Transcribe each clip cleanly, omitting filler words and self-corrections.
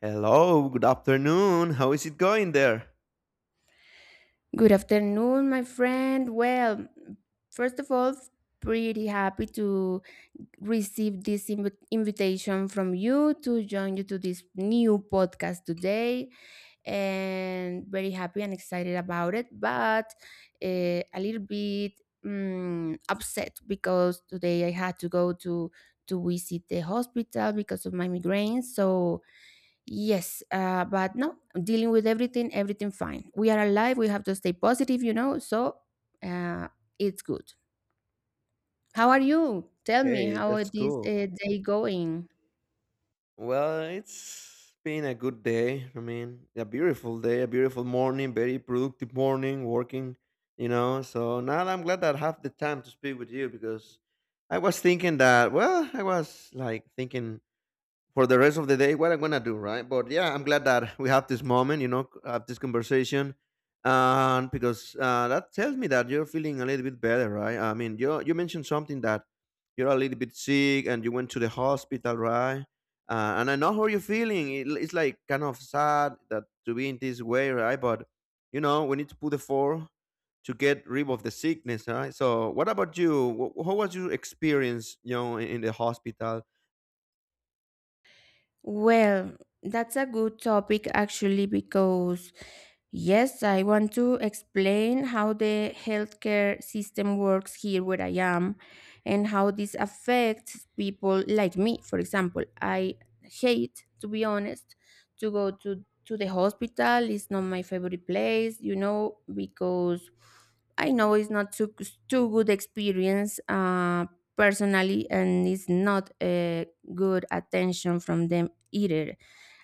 Hello, good afternoon. How is it going there? Good afternoon, my friend. Well, first of all, pretty happy to receive this invitation from you to join you to this new podcast today, and very happy and excited about it, but a little bit upset because today I had to go to visit the hospital because of my migraine. So, yes, but no, dealing with everything fine. We are alive. We have to stay positive. So uh, it's good. How are you? Tell me Hey, how that's this cool. Day going? Well, it's been a good day. I mean, a beautiful day, a beautiful morning, very productive morning, working, you know. So now I'm glad that I have the time to speak with you because I was thinking that, well, I was like thinking for the rest of the day what I'm gonna do, right? But yeah, I'm glad that we have this moment, you know, have this conversation. And because that tells me that you're feeling a little bit better, right? I mean, you mentioned something that you're a little bit sick and you went to the hospital, right? And I know how you're feeling. It's like kind of sad that to be in this way, right? But you know, we need to put the four to get rid of the sickness, right? So what about you? How was your experience, you know, in the hospital? Well, that's a good topic actually because yes, I want to explain how the healthcare system works here where I am and how this affects people like me. For example, I hate, to be honest, to go to the hospital. It's not my favorite place, you know, because I know it's not too good experience personally, and it's not a good attention from them either.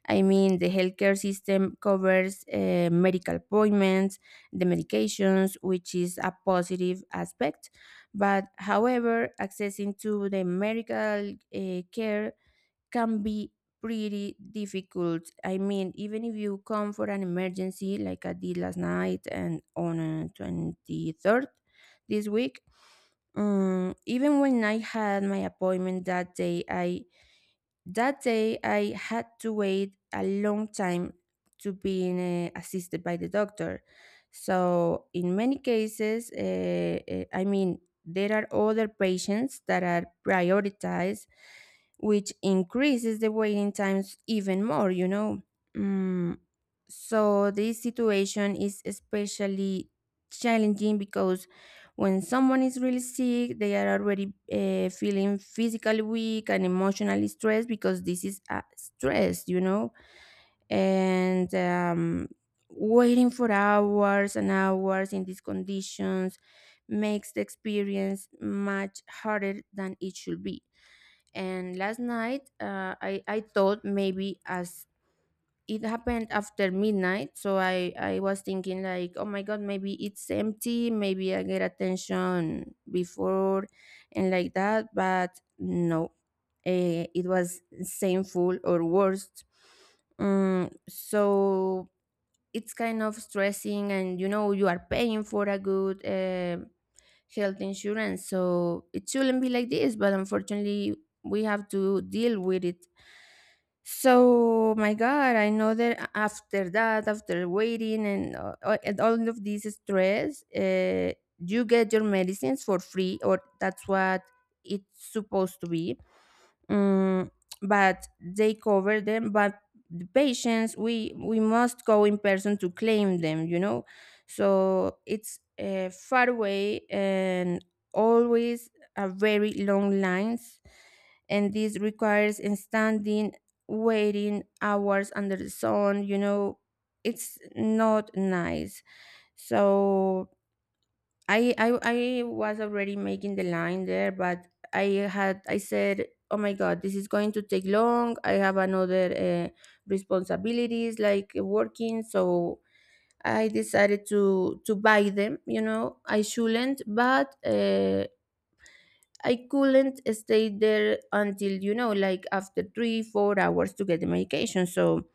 I mean, the healthcare system covers medical appointments, the medications, which is a positive aspect. But however, accessing to the medical care can be pretty difficult. I mean, even if you come for an emergency, like I did last night and on 23rd this week, even when I had my appointment that day, I had to wait a long time to being assisted by the doctor. So, in many cases, I mean, there are other patients that are prioritized, which increases the waiting times even more. Mm, so, this situation is especially challenging because when someone is really sick, they are already feeling physically weak and emotionally stressed because this is a stress, you know? And waiting for hours and hours in these conditions makes the experience much harder than it should be. And last night, I thought maybe as it happened after midnight, so I was thinking, like, "Oh my God, maybe it's empty, maybe I get attention before," and like that. But no, it was same full or worse, so it's kind of stressing, and you know you are paying for a good health insurance, so it shouldn't be like this, but unfortunately we have to deal with it. So, my God, I know that after that, after waiting and all of this stress, you get your medicines for free, or that's what it's supposed to be. Mm, but they cover them, but the patients we must go in person to claim them. So it's far away, and always a very long lines, and this requires in standing waiting hours under the sun. It's not nice. So I, I I was already making the line there, but I said, "Oh my God, this is going to take long. I have another responsibilities like working." So I decided to buy them. You know, I shouldn't, but I couldn't stay there until like after 3 or 4 hours to get the medication. So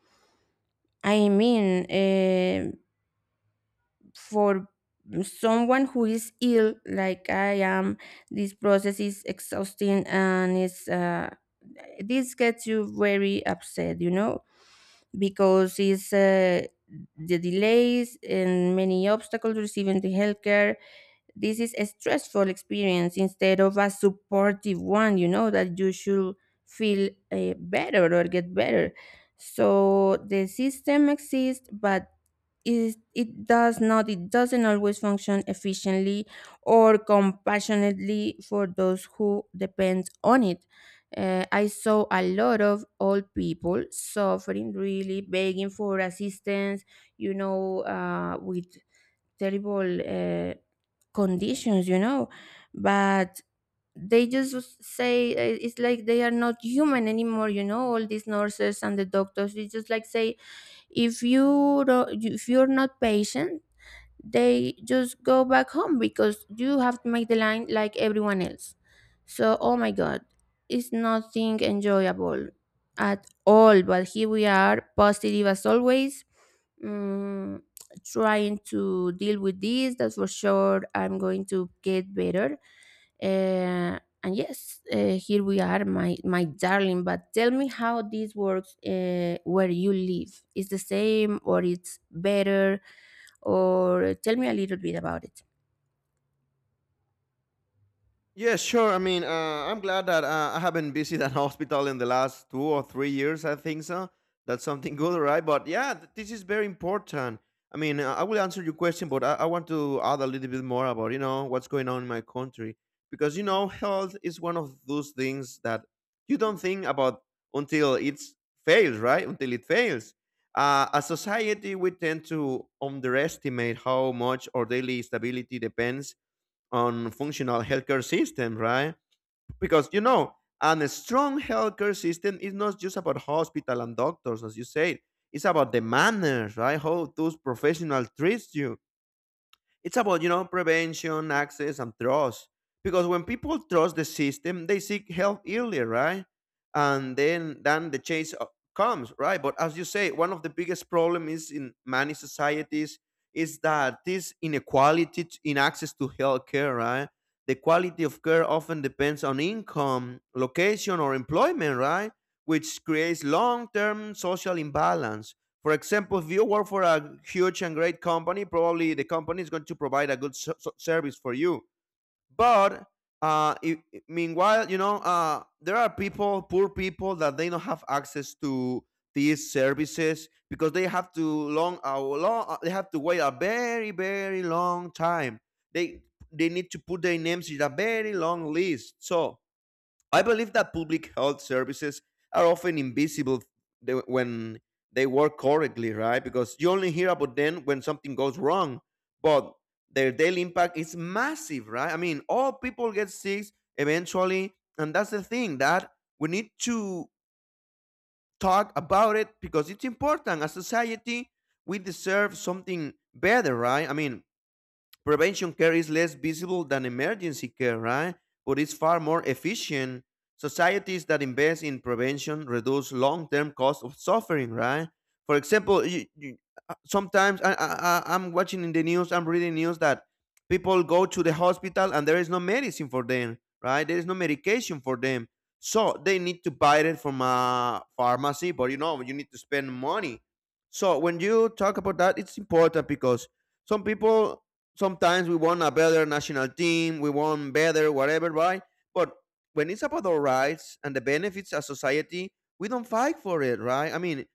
I mean, for someone who is ill like I am, this process is exhausting, and it's this gets you very upset because it's the delays and many obstacles receiving the healthcare. This is a stressful experience instead of a supportive one that you should feel better or get better. So the system exists, but is it does not it doesn't always function efficiently or compassionately for those who depend on it. I saw a lot of old people suffering, really begging for assistance with terrible conditions. But they just say it's like they are not human anymore. All these nurses and the doctors, they just like say, if you're not patient, they just go back home because you have to make the line like everyone else. So, oh my God, it's nothing enjoyable at all. But here we are, positive as always, mm, trying to deal with this. That's for sure. I'm going to get better. Uh, and yes, here we are, my darling. But tell me how this works where you live. Is the same or it's better? Or tell me a little bit about it. Yeah, sure. I mean, I'm glad that I haven't visited a hospital in the last 2 or 3 years, I think so. That's something good, right? But yeah, this is very important. I mean, I will answer your question, but I want to add a little bit more about, you know, what's going on in my country, because you know, health is one of those things that you don't think about until it fails, right? Until it fails. As society, we tend to underestimate how much our daily stability depends on functional healthcare system, right? Because you know, and a strong healthcare system is not just about hospital and doctors, as you said. It's about the manners, right? How those professionals treat you. It's about, you know, prevention, access, and trust. Because when people trust the system, they seek help earlier, right? And then the chase comes, right? But as you say, one of the biggest problem is in many societies is that this inequality in access to healthcare, right? The quality of care often depends on income, location, or employment, right? Which creates long-term social imbalance. For example, if you work for a huge and great company, probably the company is going to provide a good service for you. But uh, i- meanwhile, you know, there are people, poor people, that they don't have access to these services because they have to long, a long, they have to wait a very, very long time. They they need to put their names in a very long list. So I believe that public health services are often invisible when they work correctly, right? Because you only hear about them when something goes wrong, but their daily impact is massive, right? I mean, all people get sick eventually, and that's the thing that we need to talk about it, because it's important. As society, we deserve something better, right? I mean, prevention care is less visible than emergency care, right? But it's far more efficient. Societies that invest in prevention reduce long-term cost of suffering, right? For example, sometimes I'm watching in the news, I'm reading news that people go to the hospital and there is no medicine for them, right? There is no medication for them. So they need to buy it from a pharmacy, but you know, you need to spend money. So when you talk about that, it's important because some people sometimes we want a better national team, we want better whatever, right? But when it's about our rights and the benefits as society, we don't fight for it, right? I mean,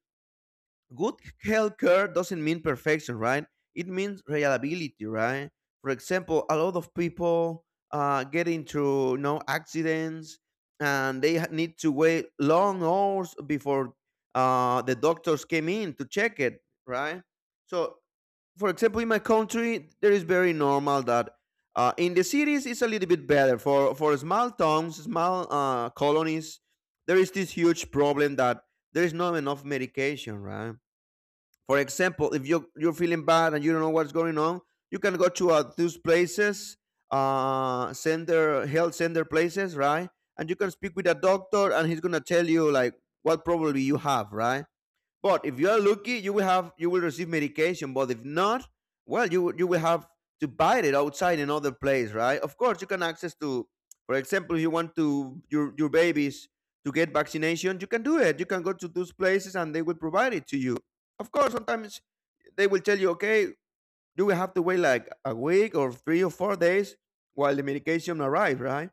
good health care doesn't mean perfection, right? It means reliability, right? For example, a lot of people get into, you know, accidents and they need to wait long hours before the doctors came in to check it, right? So for example, in my country, there is very normal that in the cities it's a little bit better. For small towns, small colonies, there is this huge problem that there is not enough medication, right? For example, if you're feeling bad and you don't know what's going on, you can go to those places, center health center places, right? And you can speak with a doctor, and he's gonna tell you like what problem you have, right? But if you are lucky, you will receive medication. But if not, well, you will have to buy it outside in other place, right? Of course, you can access to, for example, if you want to your babies to get vaccination, you can do it. You can go to those places and they will provide it to you. Of course, sometimes they will tell you, okay, you will have to wait like a week or 3 or 4 days while the medication arrives, right?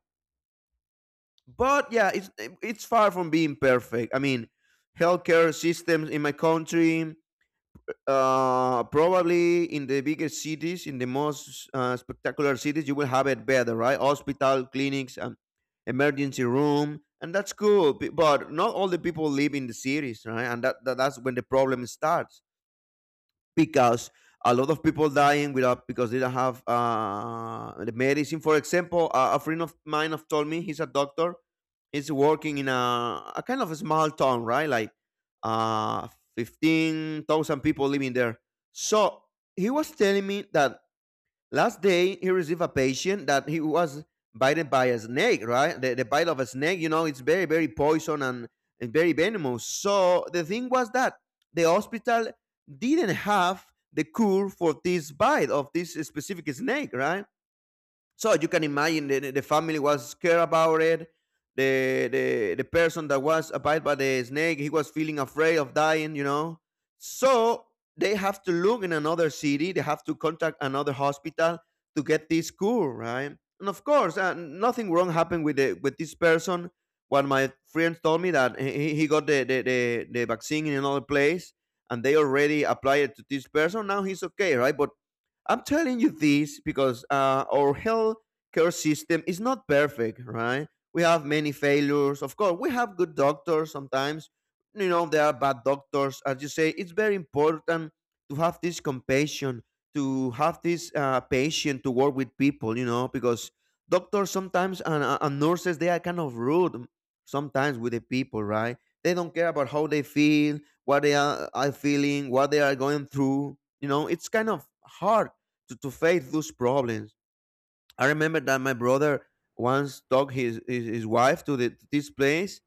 But yeah, it's far from being perfect. I mean, healthcare systems in my country probably in the bigger cities, in the most spectacular cities, you will have it better, right? Hospital, clinics, emergency room, and that's cool. But not all the people live in the cities, right? And that's when the problem starts because a lot of people dying without because they don't have the medicine. For example, a friend of mine have told me he's a doctor. He's working in a kind of a small town, right? Like uh, 15,000 people living there. So he was telling me that last day, he received a patient that he was bitten by a snake, right? The bite of a snake, you know, it's very, very poison and very venomous. So the thing was that the hospital didn't have the cure for this bite of this specific snake, right? So you can imagine the family was scared about it. The the person that was bit by the snake, he was feeling afraid of dying, you know. So they have to look in another city. They have to contact another hospital to get this cure, right? And of course, nothing wrong happened with the with this person. What my friends told me that he got the vaccine in another place and they already applied it to this person. Now he's okay, right? But I'm telling you this because our healthcare system is not perfect, right? We have many failures. Of course, we have good doctors sometimes. You know, there are bad doctors. As you say, it's very important to have this compassion, to have this patience to work with people, you know, because doctors sometimes and nurses, they are kind of rude sometimes with the people, right? They don't care about how they feel, what are feeling, what they are going through. You know, it's kind of hard to face those problems. I remember that my brother once took his wife to this place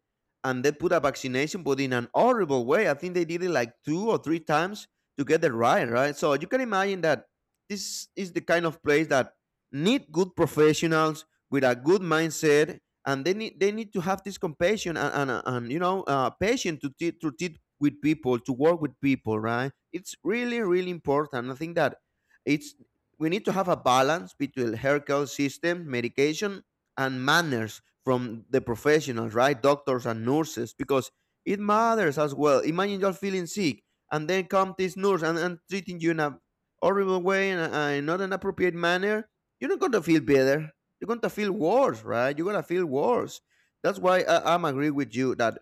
and they put a vaccination, but in an horrible way. I think they did it like two or three times to get it right, right? So you can imagine that this is the kind of place that need good professionals with a good mindset, and they need to have this compassion and and you know patience to teach with people, to work with people, right? It's really really important. I think that it's we need to have a balance between healthcare system, medication, and manners from the professionals, right? Doctors and nurses, because it matters as well. Imagine you're feeling sick, and then come this nurse and treating you in a horrible way and not an appropriate manner. You're not going to feel better. You're going to feel worse, right? You're going to feel worse. That's why I'm agree with you that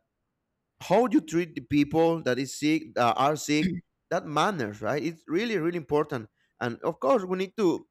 how you treat the people that is sick, that are sick, that matters, right? It's really, really important. And of course, we need to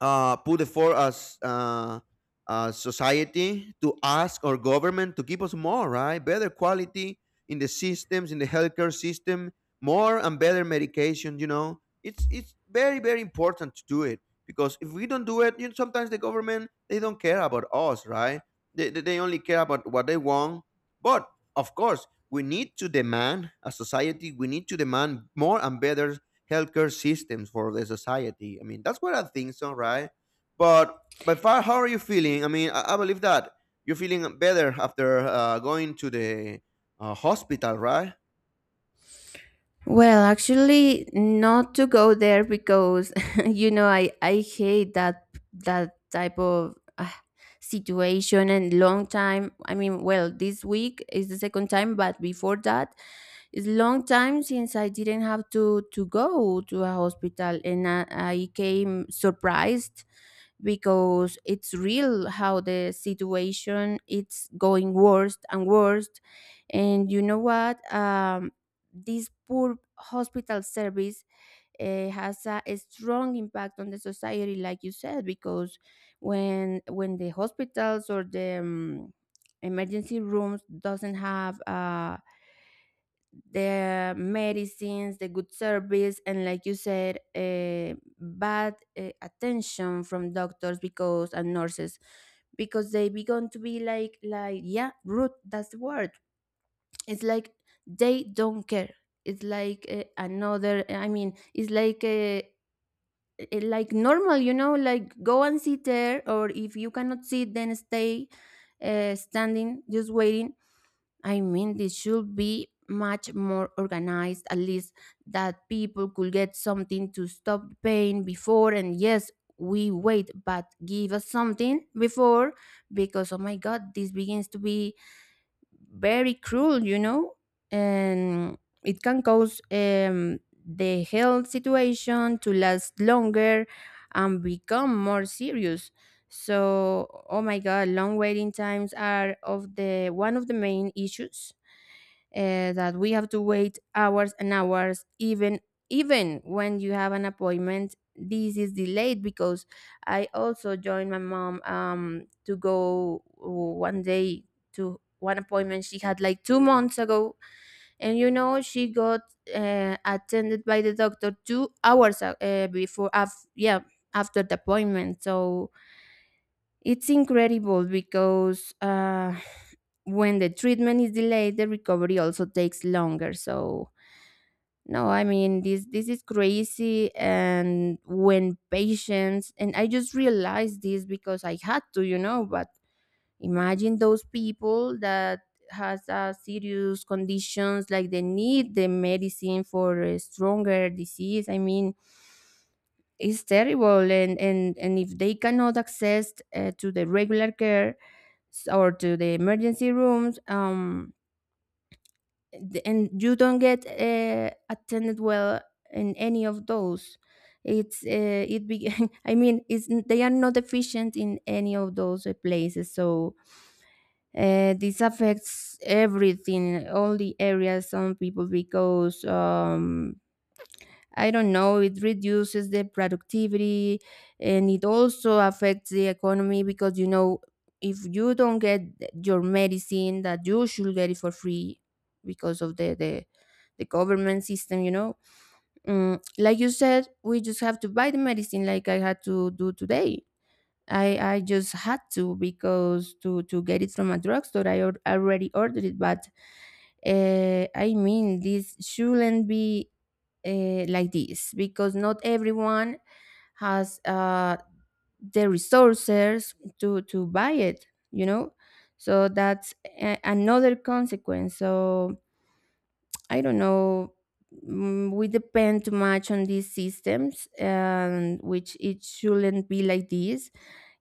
put effort as society to ask our government to give us more, right? Better quality in the systems, in the healthcare system, more and better medication. You know, it's very very important to do it because if we don't do it, you know, sometimes the government they don't care about us, right? They only care about what they want. But of course, we need to demand as society. We need to demand more and better healthcare systems for the society. I mean, that's what I think so, right? But by far, how are you feeling? I mean, I believe that you're feeling better after going to the hospital, right? Well, actually, not to go there because you know I hate that type of situation and long time. I mean, well, this week is the second time, but before that, it's long time since I didn't have to go to a hospital, and I came surprised because it's real how the situation it's going worse and worse. And you know what, this poor hospital service has a strong impact on the society, like you said, because when the hospitals or the emergency rooms doesn't have the medicines, the good service, and like you said, bad attention from doctors because and nurses, because they begun to be like yeah, rude. That's the word. It's like they don't care. It's like another, I mean it's like normal, you know, like go and sit there, or if you cannot sit then stay standing, just waiting. I mean, this should be much more organized, at least that people could get something to stop the pain before. And yes, we wait, but give us something before because, oh my God, this begins to be very cruel, and it can cause the health situation to last longer and become more serious. So, oh my God, long waiting times are of the one of the main issues, that we have to wait hours and hours, even when you have an appointment this is delayed because I also joined my mom, to go one day to one appointment she had like 2 months ago, and you know she got attended by the doctor 2 hours a- before af- yeah after the appointment. So it's incredible because when the treatment is delayed, the recovery also takes longer. So, no, I mean this is crazy. And when patients and I just realized this because I had to, you know, but imagine those people that has serious conditions, like they need the medicine for a stronger disease. I mean, it's terrible, and if they cannot access to the regular care, or to the emergency rooms, and you don't get attended well in any of those. It's I mean it's they are not efficient in any of those places. So, this affects everything, all the areas, some people, because I don't know, it reduces the productivity, and it also affects the economy because, if you don't get your medicine, that you should get it for free because of the government system. Like you said, we just have to buy the medicine like I had to do today. I just had to, because to get it from a drugstore I already ordered it, but I mean, this shouldn't be like this because not everyone has the resources to buy it. So that's another consequence. So I don't know. We depend too much on these systems, and which it shouldn't be like this.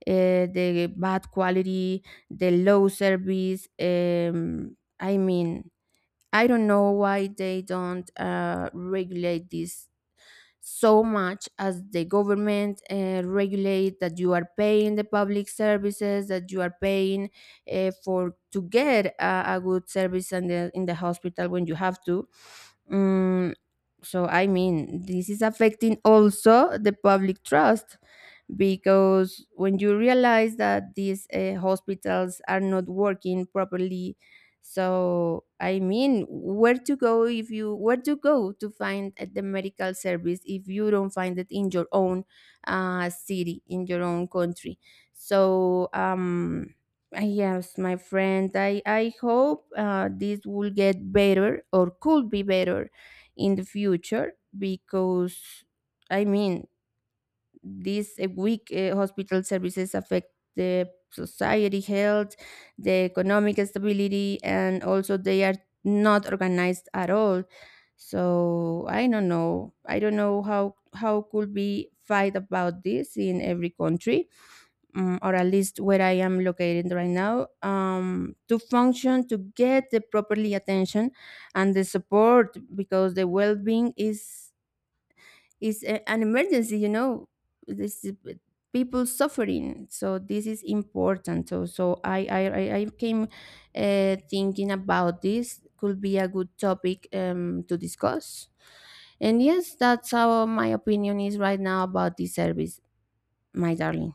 The bad quality, the low service. I mean, I don't know why they don't regulate this so much as the government regulate, that you are paying the public services that you are paying for, to get a good service in the hospital when you have to. Mm, so I mean, this is affecting also the public trust, because when you realize that these hospitals are not working properly, so I mean, where to go if you where to go to find the medical service, if you don't find it in your own city, in your own country. So yes, my friend, I hope this will get better, or could be better in the future, because I mean, these weak hospital services affect the society health, the economic stability, and also they are not organized at all. So I don't know how could be fight about this in every country, or at least where I am located right now, to function, to get the properly attention and the support, because the well-being is an emergency. This people suffering, so this is important. So I came thinking about this could be a good topic, to discuss. And yes, that's how my opinion is right now about this service, my darling.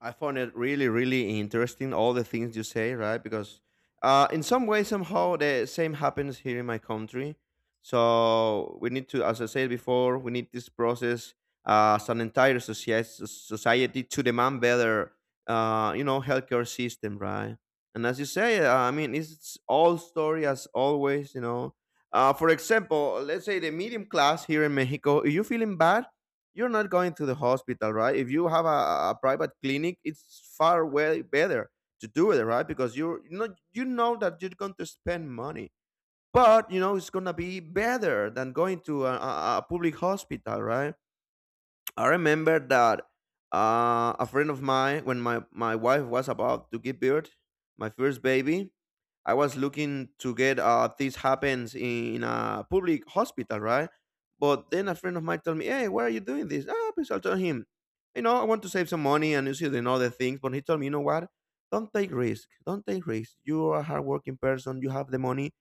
I found it really, really interesting, all the things you say, right? Because in some way, somehow, the same happens here in my country. So we need to, as I said before, we need this process as an entire society to demand better, healthcare system, right? And as you say, it's all story as always, you know. For example, let's say the medium class here in Mexico, if you're feeling bad, you're not going to the hospital, right? If you have a private clinic, it's far way better to do it, right? Because you know that you're going to spend money, but you know it's gonna be better than going to a public hospital, right? I remember that a friend of mine, when my wife was about to give birth, my first baby, I was looking to get this happens in a public hospital, right? But then a friend of mine told me, "Hey, why are you doing this?" Ah, because I told him, you know, I want to save some money and use it in other things. But he told me, you know what? Don't take risk. Don't take risk. You are a hardworking person. You have the money.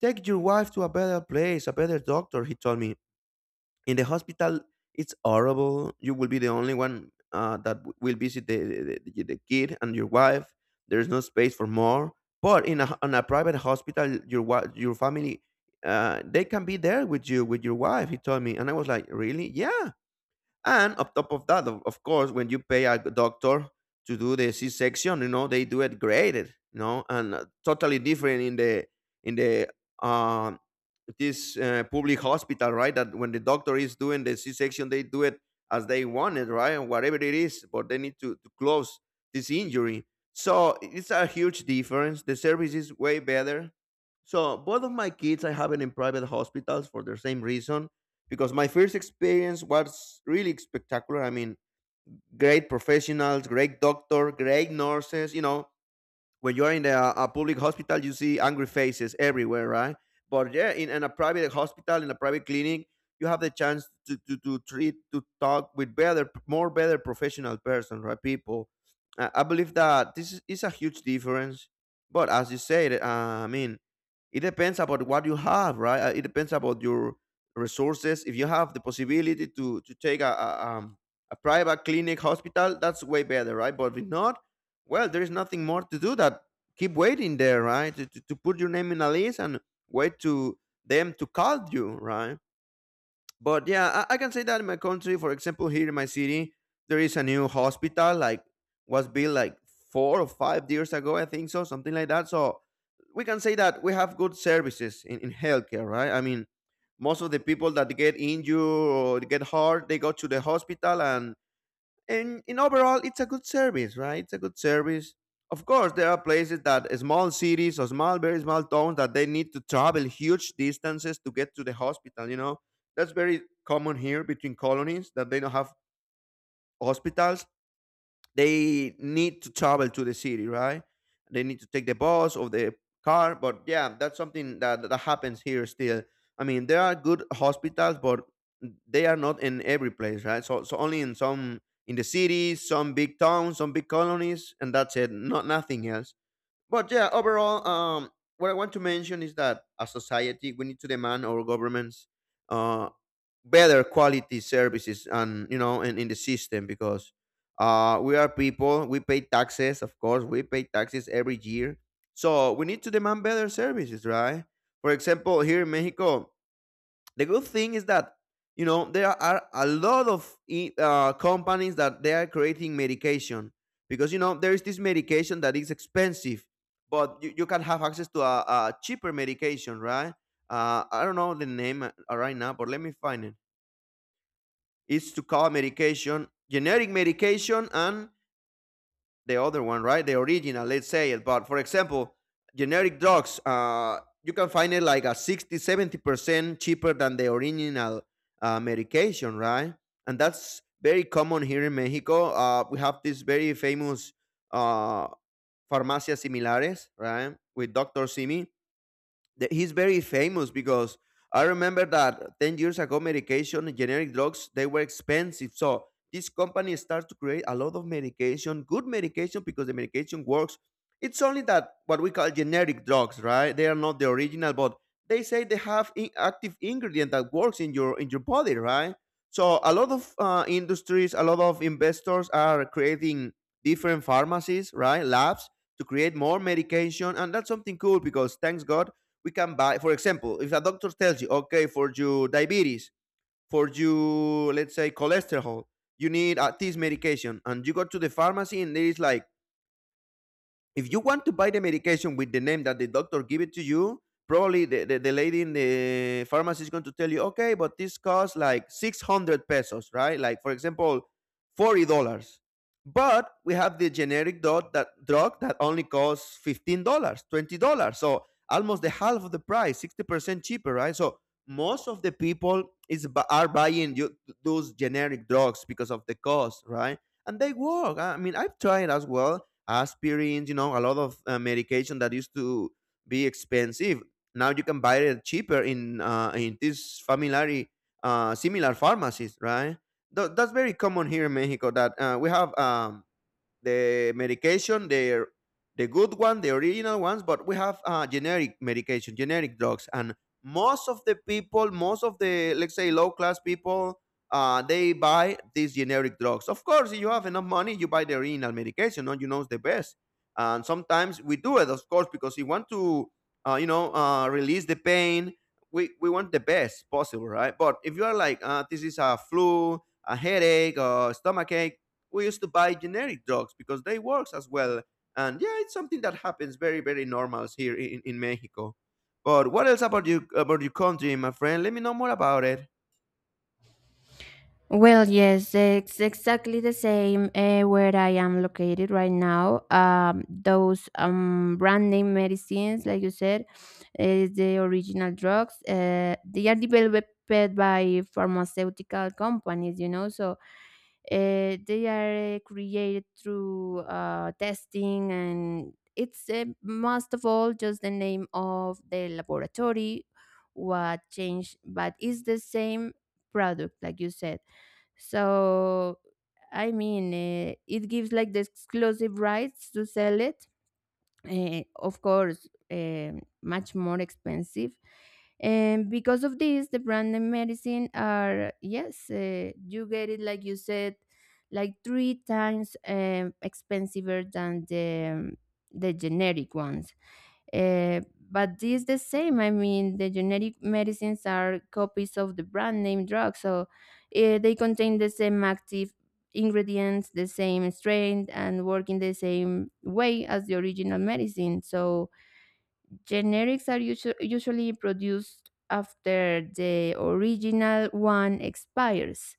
Take your wife to a better place, a better doctor. He told me, in the hospital it's horrible. You will be the only one will visit the kid and your wife. There's no space for more, but in a private hospital your your family they can be there with you, with your wife. He told me, and I was like, really? Yeah. And on top of that, of course, when you pay a doctor to do the C-section, you know they do it graded, you know, and totally different in the uh, this public hospital, right? That when the doctor is doing the C-section, they do it as they want it, right? And whatever it is, but they need to close this injury. So it's a huge difference. The service is way better. So both of my kids, I have it in private hospitals for the same reason, because my first experience was really spectacular. I mean, great professionals, great doctor, great nurses. You know, when you're in a public hospital, you see angry faces everywhere, right? But yeah, in a private hospital, in a private clinic, you have the chance to treat, to talk with better, more better professional person, right? People. I believe that this is a huge difference. But as you said, it depends about what you have, right? It depends about your resources. If you have the possibility to take a, a private clinic hospital, that's way better, right? But if not, well, there is nothing more to do that keep waiting there, right, to put your name in a list and wait to them to call you, right? But yeah, I can say that in my country, for example, here in my city, there is a new hospital like was built like 4 or 5 years ago, I think so, something like that. So we can say that we have good services in healthcare, right? I mean, most of the people that get injured or get hurt, they go to the hospital, and in overall it's a good service, right? It's a good service. Of course there are places that small cities or small very small towns that they need to travel huge distances to get to the hospital, you know. That's very common here between colonies that they don't have hospitals. They need to travel to the city, right? They need to take the bus or the car. But yeah, that's something that, that happens here still. I mean, there are good hospitals, but they are not in every place, right? So, so only in some in the cities, some big towns, some big colonies, and that's it. Not nothing else. But yeah, overall, what I want to mention is that as society, we need to demand our governments. Uh, Better quality services, and you know, and in the system, because we are people, we pay taxes. Of course, we pay taxes every year, so we need to demand better services, right? For example, here in Mexico, the good thing is that, you know, there are a lot of companies that they are creating medication, because you know there is this medication that is expensive, but you can have access to a cheaper medication, right? I don't know the name right now, but let me find it. Is to call medication, generic medication, and the other one, right? The original, let's say it. But for example, generic drugs, you can find it like a 60, 70% cheaper than the original medication, right? And that's very common here in Mexico. We have this very famous uh, farmacias similares, right? With Dr. Simi. He's very famous because I remember that 10 years ago, medication, generic drugs, they were expensive. So this company starts to create a lot of medication, good medication, because the medication works. It's only that what we call generic drugs, right? They are not the original, but they say they have active ingredient that works in your body, right? So a lot of industries, a lot of investors are creating different pharmacies, right? Labs to create more medication, and that's something cool, because thanks God we can buy, for example, if a doctor tells you, okay, for your diabetes, for your, let's say, cholesterol, you need this medication, and you go to the pharmacy and there is like, if you want to buy the medication with the name that the doctor give it to you, probably the lady in the pharmacy is going to tell you, okay, but this costs like 600 pesos, right? Like for example, $40. But we have the generic drug, that drug that only costs $15, $20, so almost the half of the price, 60% cheaper, right? So most of the people are buying those generic drugs because of the cost, right? And they work. I mean, I've tried as well aspirins, you know, a lot of medication that used to be expensive. Now you can buy it cheaper in these familiar, similar pharmacies, right? That's very common here in Mexico that we have. The medication, the good one, the original ones, but we have generic medication, generic drugs, and most of the people, most of the, let's say, low class people, they buy these generic drugs. Of course, if you have enough money, you buy the original medication. No, you know it's the best. And sometimes we do it, of course, because we want to, release the pain. We want the best possible, right? But if you are like, this is a flu, a headache, or stomach ache, we used to buy generic drugs because they works as well. And yeah, it's something that happens very, very normals here in Mexico. But what else about you, about your country, my friend? Let me know more about it. Well, yes, it's exactly the same where I am located right now. Those brand name medicines, like you said, is the original drugs. They are developed by pharmaceutical companies, you know, so they are created through testing, and it's most of all just the name of the laboratory what changed, but it's the same product, like you said. So, I mean, it gives like the exclusive rights to sell it. Of course, much more expensive. And because of this, the brand name medicine are, yes, you get it, like you said, like three times expensiver than the generic ones. Uh, but this the same. I mean, the generic medicines are copies of the brand name drug, so they contain the same active ingredients, the same strength, and work in the same way as the original medicine. So generics are usually produced after the original one expires,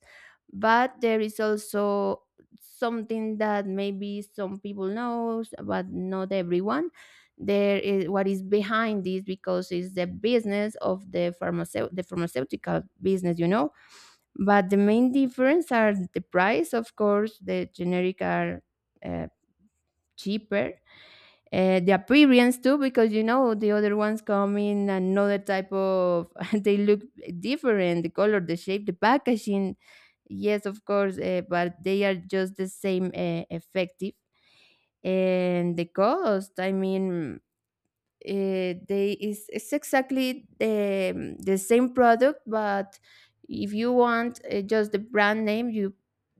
but there is also something that maybe some people knows, but not everyone. There is what is behind this, because it's the business of the the pharmaceutical business. But the main difference are the price. Of course, the generic are uh, cheaper, the appearance too, because you know the other ones come in another type of they look different, the color, the shape, the packaging. Yes, of course, but they are just the same effective, and the cost. I mean, they is it's exactly the same product. But if you want just the brand name, you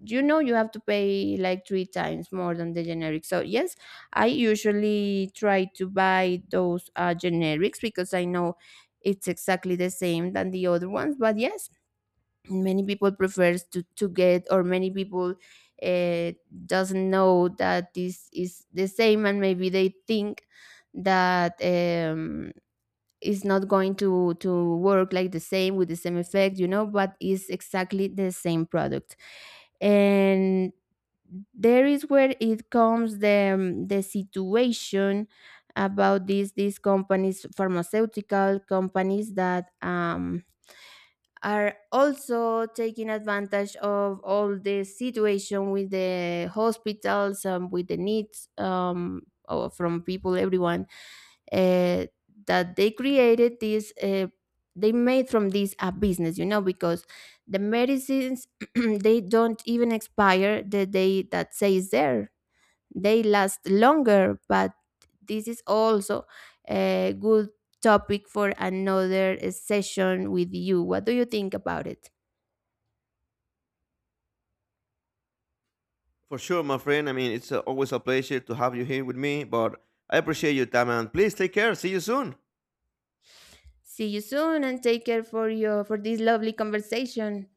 you know you have to pay like three times more than the generic. So yes, I usually try to buy those generics because I know it's exactly the same than the other ones. But yes, many people prefers to get, or many people uh, doesn't know that this is the same, and maybe they think that it's not going to work like the same, with the same effect. But it's exactly the same product. And there is where it comes the the situation about these companies pharmaceutical companies that are also taking advantage of all the situation with the hospitals, and with the needs, from people, everyone, uh, that they created this, they made from this a business, because the medicines, they don't even expire the day that says there, they last longer. But this is also a good topic for another session with you. What do you think about it? For sure, my friend. I mean, it's always a pleasure to have you here with me. But I appreciate your time, and please take care. See you soon. See you soon, and take care for your for this lovely conversation.